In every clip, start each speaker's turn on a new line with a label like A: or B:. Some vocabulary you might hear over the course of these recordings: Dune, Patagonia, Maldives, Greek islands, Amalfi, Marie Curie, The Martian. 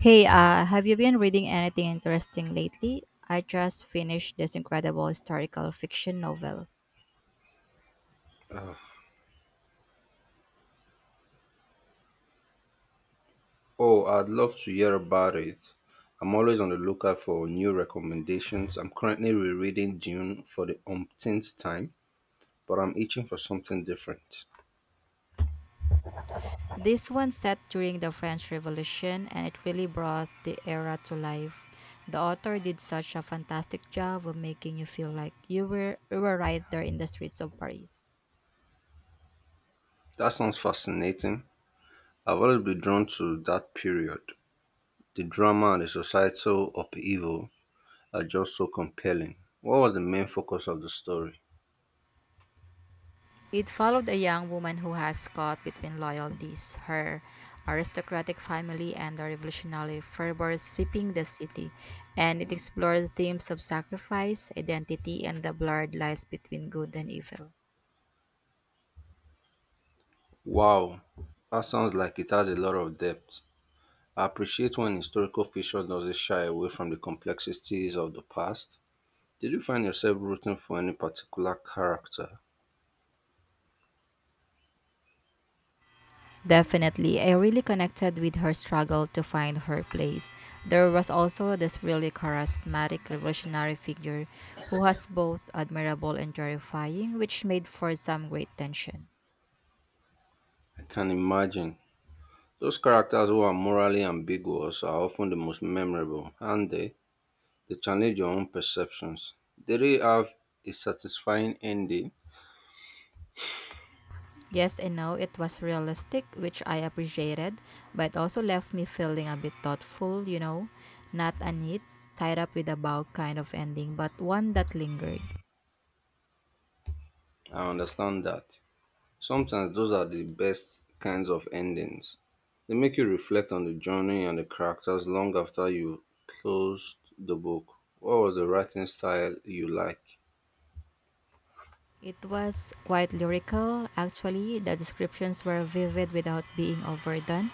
A: Hey, have you been reading anything interesting lately? I just finished this incredible historical fiction novel.
B: Oh, I'd love to hear about it. I'm always on the lookout for new recommendations. I'm currently rereading Dune for the umpteenth time, but I'm itching for something different.
A: This one set during the French Revolution, and it really brought the era to life. The author did such a fantastic job of making you feel like you were right there in the streets of Paris.
B: That sounds fascinating. I've always been drawn to that period. The drama and the societal upheaval are just so compelling. What was the main focus of the story?
A: It followed a young woman who has caught between loyalties, her aristocratic family, and the revolutionary fervor sweeping the city, and it explored themes of sacrifice, identity, and the blurred lines between good and evil.
B: Wow, that sounds like it has a lot of depth. I appreciate when historical fiction doesn't shy away from the complexities of the past. Did you find yourself rooting for any particular character?
A: Definitely, I really connected with her struggle to find her place. There was also this really charismatic revolutionary figure who was both admirable and terrifying, which made for some great tension.
B: I can imagine. Those characters who are morally ambiguous are often the most memorable, and they challenge your own perceptions. They really have a satisfying ending.
A: Yes and no, it was realistic, which I appreciated, but also left me feeling a bit thoughtful, not a neat, tied up with a bow kind of ending, but one that lingered.
B: I understand that. Sometimes those are the best kinds of endings. They make you reflect on the journey and the characters long after you closed the book. What was the writing style you like?
A: It was quite lyrical, actually. The descriptions were vivid without being overdone,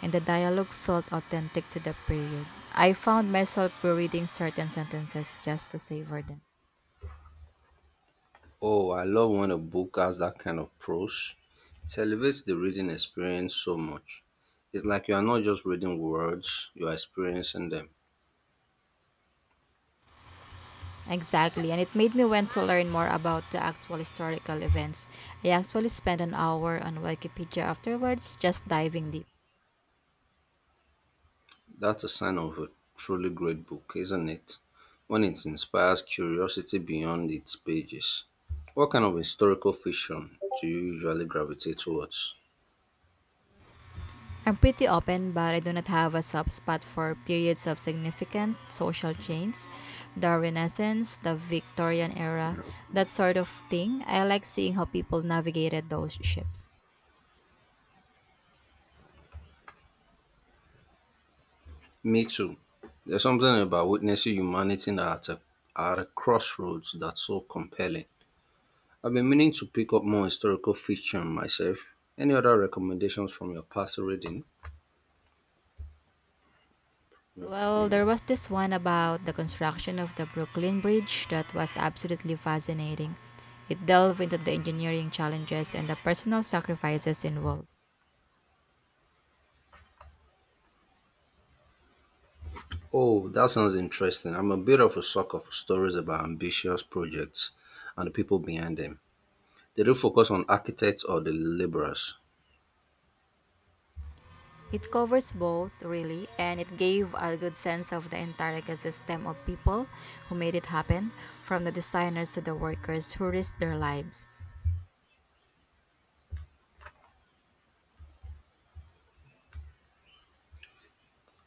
A: and the dialogue felt authentic to the period. I found myself rereading certain sentences just to savor them.
B: Oh, I love when a book has that kind of prose. It elevates the reading experience so much. It's like you are not just reading words, you are experiencing them.
A: Exactly, and it made me want to learn more about the actual historical events. I actually spent an hour on Wikipedia afterwards, just diving deep.
B: That's a sign of a truly great book, isn't it? When it inspires curiosity beyond its pages. What kind of historical fiction do you usually gravitate towards?
A: I'm pretty open, but I do not have a subspot for periods of significant social change. The Renaissance, the Victorian era, that sort of thing. I like seeing how people navigated those shifts.
B: Me too. There's something about witnessing humanity at a crossroads that's so compelling. I've been meaning to pick up more historical fiction myself. Any other recommendations from your past reading?
A: Well, there
B: Okay.
A: was this one about the construction of the Brooklyn Bridge that was absolutely fascinating. It delved into the engineering challenges and the personal sacrifices involved.
B: Oh, that sounds interesting. I'm a bit of a sucker for stories about ambitious projects and the people behind them. They don't focus on architects or the laborers.
A: It covers both, really, and it gave a good sense of the entire ecosystem of people who made it happen, from the designers to the workers who risked their lives.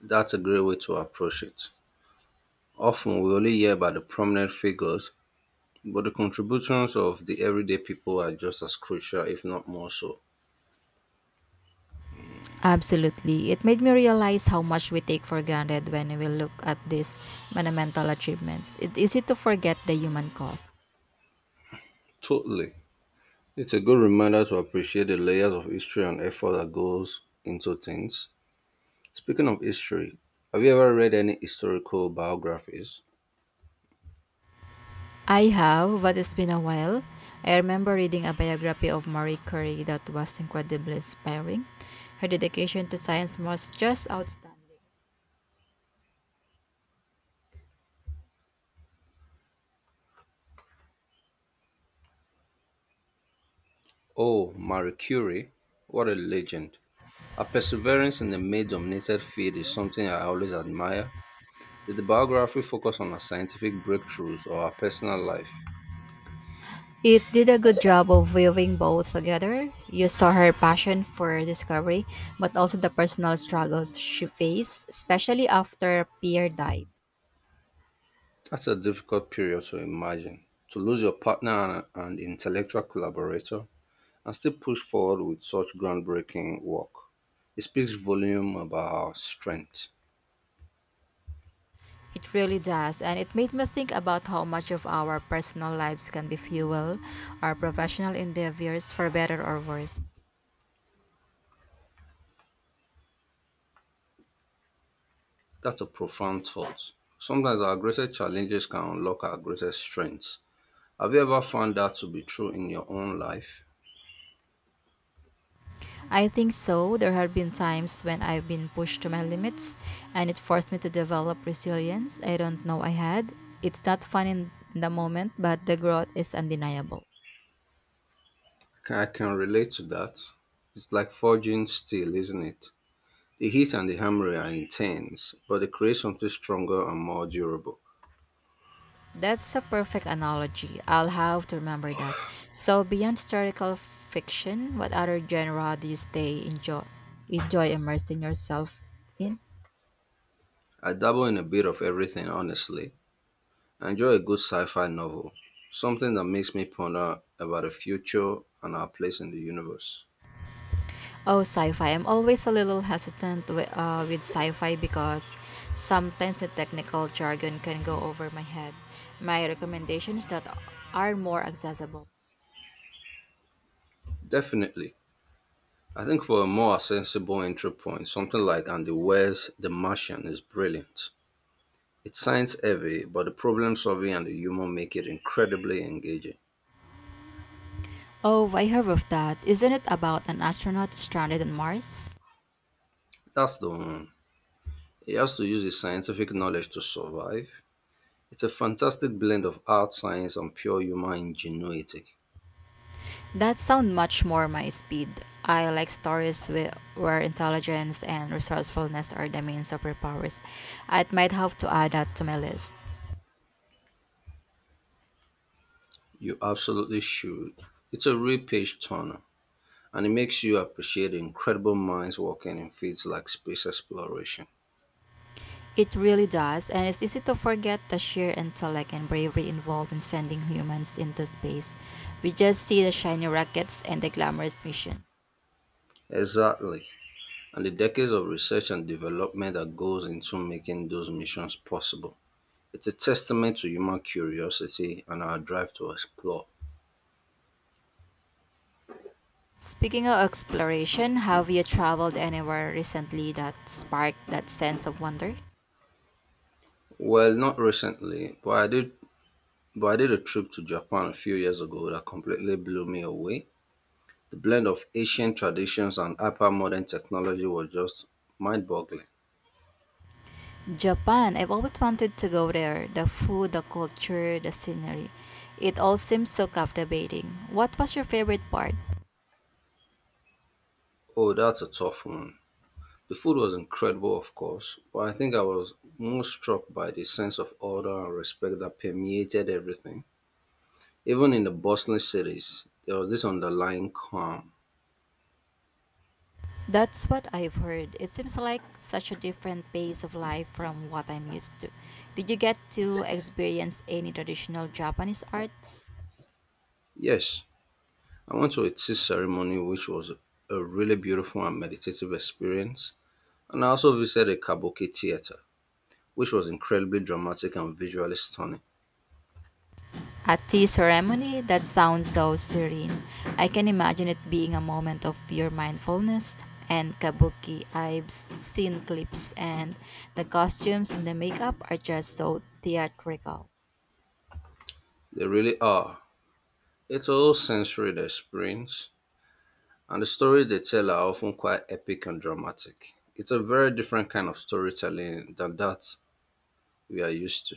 B: That's a great way to approach it. Often we only hear about the prominent figures, but the contributions of the everyday people are just as crucial, if not more so.
A: Absolutely. It made me realize how much we take for granted when we look at these monumental achievements. It's easy to forget the human cost.
B: Totally. It's a good reminder to appreciate the layers of history and effort that goes into things. Speaking of history, have you ever read any historical biographies?
A: I have, but it's been a while. I remember reading a biography of Marie Curie that was incredibly inspiring. Her dedication to science was just outstanding.
B: Oh, Marie Curie, what a legend. Her perseverance in the male-dominated field is something I always admire. Did the biography focus on her scientific breakthroughs or her personal life?
A: It did a good job of weaving both together. You saw her passion for discovery, but also the personal struggles she faced, especially after Pierre died.
B: That's a difficult period to imagine. To lose your partner and intellectual collaborator and still push forward with such groundbreaking work. It speaks volume about our strength.
A: It really does, and it made me think about how much of our personal lives can be fuel our professional endeavors for better or worse.
B: That's a profound thought. Sometimes our greatest challenges can unlock our greatest strengths. Have you ever found that to be true in your own life?
A: I think so. There have been times when I've been pushed to my limits, and it forced me to develop resilience I don't know I had. It's not fun in the moment, but the growth is undeniable.
B: I can relate to that. It's like forging steel, isn't it? The heat and the hammer are intense, but they create something stronger and more durable.
A: That's a perfect analogy. I'll have to remember that. So, beyond historical fiction, what other genre do you stay enjoy enjoy immersing yourself in?
B: I dabble in a bit of everything, honestly. I Enjoy a good sci fi novel, something that makes me ponder about the future and our place in the universe.
A: Oh, sci-fi. I'm always a little hesitant with sci-fi because sometimes the technical jargon can go over my head. My recommendations that are more accessible.
B: Definitely. I think for a more accessible entry point, something like Andy Weir's The Martian is brilliant. It's science heavy, but the problem solving and the humor make it incredibly engaging.
A: Oh, I heard of that. Isn't it about an astronaut stranded on Mars?
B: That's the one. He has to use his scientific knowledge to survive. It's a fantastic blend of art, science, and pure human ingenuity.
A: That sounds much more my speed. I like stories where intelligence and resourcefulness are the main superpowers. I might have to add that to my list.
B: You absolutely should. It's a real page turner. And it makes you appreciate the incredible minds working in fields like space exploration.
A: It really does, and it's easy to forget the sheer intellect and bravery involved in sending humans into space. We just see the shiny rockets and the glamorous missions.
B: Exactly, and the decades of research and development that goes into making those missions possible. It's a testament to human curiosity and our drive to explore.
A: Speaking of exploration, have you traveled anywhere recently that sparked that sense of wonder?
B: Well, not recently, but I did a trip to Japan a few years ago that completely blew me away. The blend of ancient traditions and hyper modern technology was just mind boggling.
A: Japan. I've always wanted to go there. The food, the culture, the scenery. It all seems so captivating. What was your favorite part?
B: Oh, that's a tough one. The food was incredible, of course, but I think I was most struck by the sense of order and respect that permeated everything. Even in the bustling cities, there was this underlying calm.
A: That's what I've heard. It seems like such a different pace of life from what I'm used to. Did you get to experience any traditional Japanese arts?
B: Yes, I went to a tea ceremony which was a really beautiful and meditative experience, and I also visited a kabuki theater, which was incredibly dramatic and visually stunning.
A: A tea ceremony? That sounds so serene. I can imagine it being a moment of pure mindfulness. And kabuki, I've seen clips, and the costumes and the makeup are just so theatrical.
B: They really are. It's a whole sensory experience. And the stories they tell are often quite epic and dramatic. It's a very different kind of storytelling than that we are used to.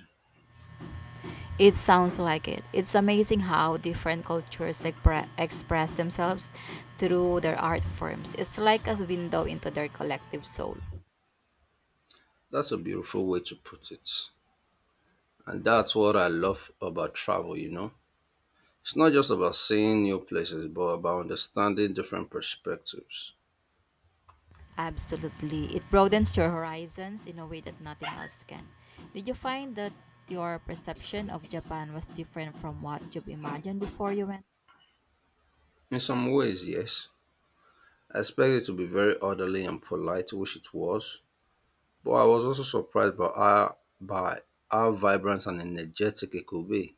A: It sounds like it. It's amazing how different cultures express themselves through their art forms. It's like a window into their collective soul.
B: That's a beautiful way to put it. And that's what I love about travel, you know. It's not just about seeing new places, but about understanding different perspectives.
A: Absolutely. It broadens your horizons in a way that nothing else can. Did you find that your perception of Japan was different from what you've imagined before you went?
B: In some ways, yes, I expected it to be very orderly and polite, which it was, but I was also surprised by how vibrant and energetic it could be.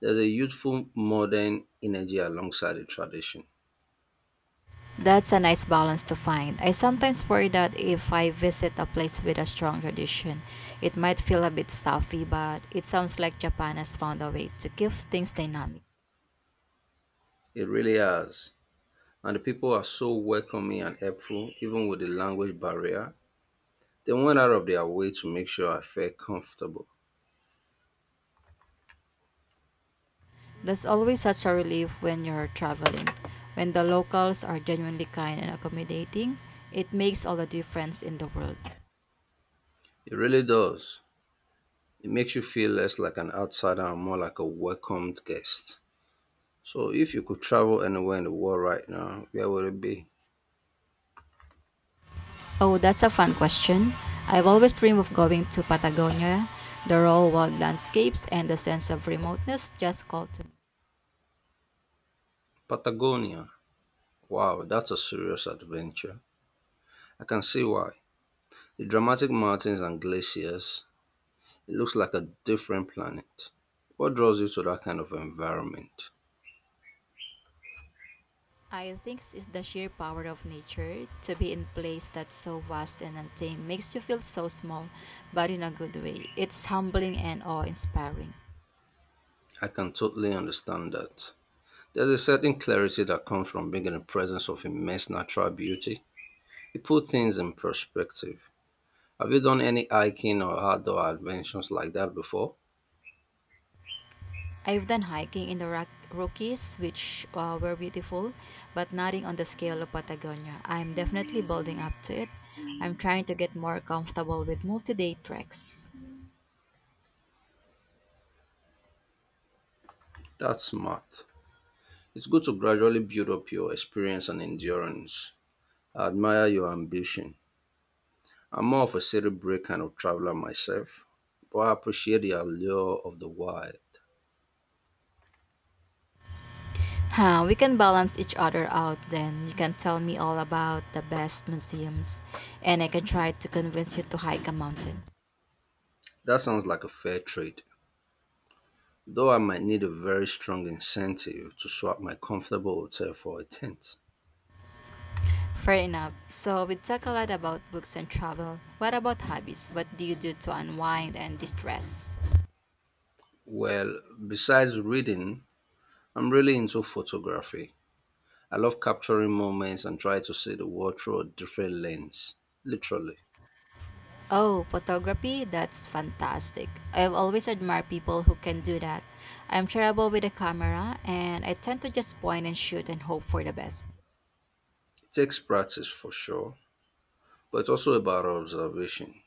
B: There's a youthful modern energy alongside the tradition.
A: That's a nice balance to find. I sometimes worry that if I visit a place with a strong tradition, it might feel a bit stuffy, but it sounds like Japan has found a way to keep things dynamic.
B: It really has. And the people are so welcoming and helpful, even with the language barrier. They went out of their way to make sure I felt comfortable.
A: That's always such a relief when you're traveling. When the locals are genuinely kind and accommodating, it makes all the difference in the world.
B: It really does. It makes you feel less like an outsider and more like a welcomed guest. So, if you could travel anywhere in the world right now, where would it be?
A: Oh, that's a fun question. I've always dreamed of going to Patagonia. The raw wild landscapes and the sense of remoteness just call to me.
B: Patagonia. Wow, that's a serious adventure. I can see why. The dramatic mountains and glaciers, it looks like a different planet. What draws you to that kind of environment?
A: I think it's the sheer power of nature to be in place that's so vast and untamed makes you feel so small, but in a good way. It's humbling and awe-inspiring.
B: I can totally understand that. There's a certain clarity that comes from being in the presence of immense natural beauty. It puts things in perspective. Have you done any hiking or outdoor adventures like that before?
A: I've done hiking in the Rockies, which were beautiful, but nothing on the scale of Patagonia. I'm definitely building up to it. I'm trying to get more comfortable with multi-day treks.
B: That's smart. It's good to gradually build up your experience and endurance. I admire your ambition. I'm more of a city break kind of traveler myself, but I appreciate the allure of the wild.
A: Huh, we can balance each other out then. You can tell me all about the best museums, and I can try to convince you to hike a mountain.
B: That sounds like a fair trade, though I might need a very strong incentive to swap my comfortable hotel for a tent.
A: Fair enough. So, we talk a lot about books and travel. What about hobbies? What do you do to unwind and distress?
B: Well, besides reading, I'm really into photography. I love capturing moments and try to see the world through a different lens, literally.
A: Oh, photography? That's fantastic. I've always admired people who can do that. I'm terrible with a camera, and I tend to just point and shoot and hope for the best.
B: It takes practice for sure, but it's also about observation.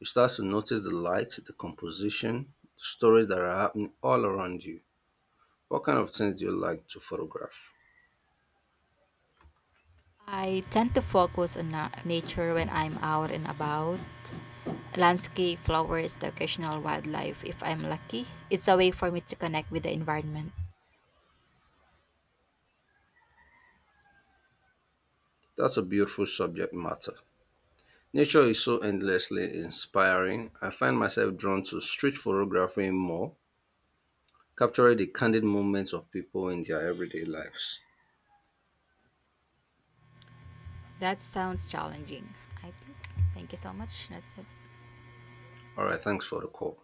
B: You start to notice the light, the composition, the stories that are happening all around you. What kind of things do you like to photograph?
A: I tend to focus on nature when I'm out and about. Landscape, flowers, the occasional wildlife if I'm lucky. It's a way for me to connect with the environment.
B: That's a beautiful subject matter. Nature is so endlessly inspiring. I find myself drawn to street photography more, capturing the candid moments of people in their everyday lives.
A: That sounds challenging. I think. Thank you so much. That's it.
B: All right, thanks for the call.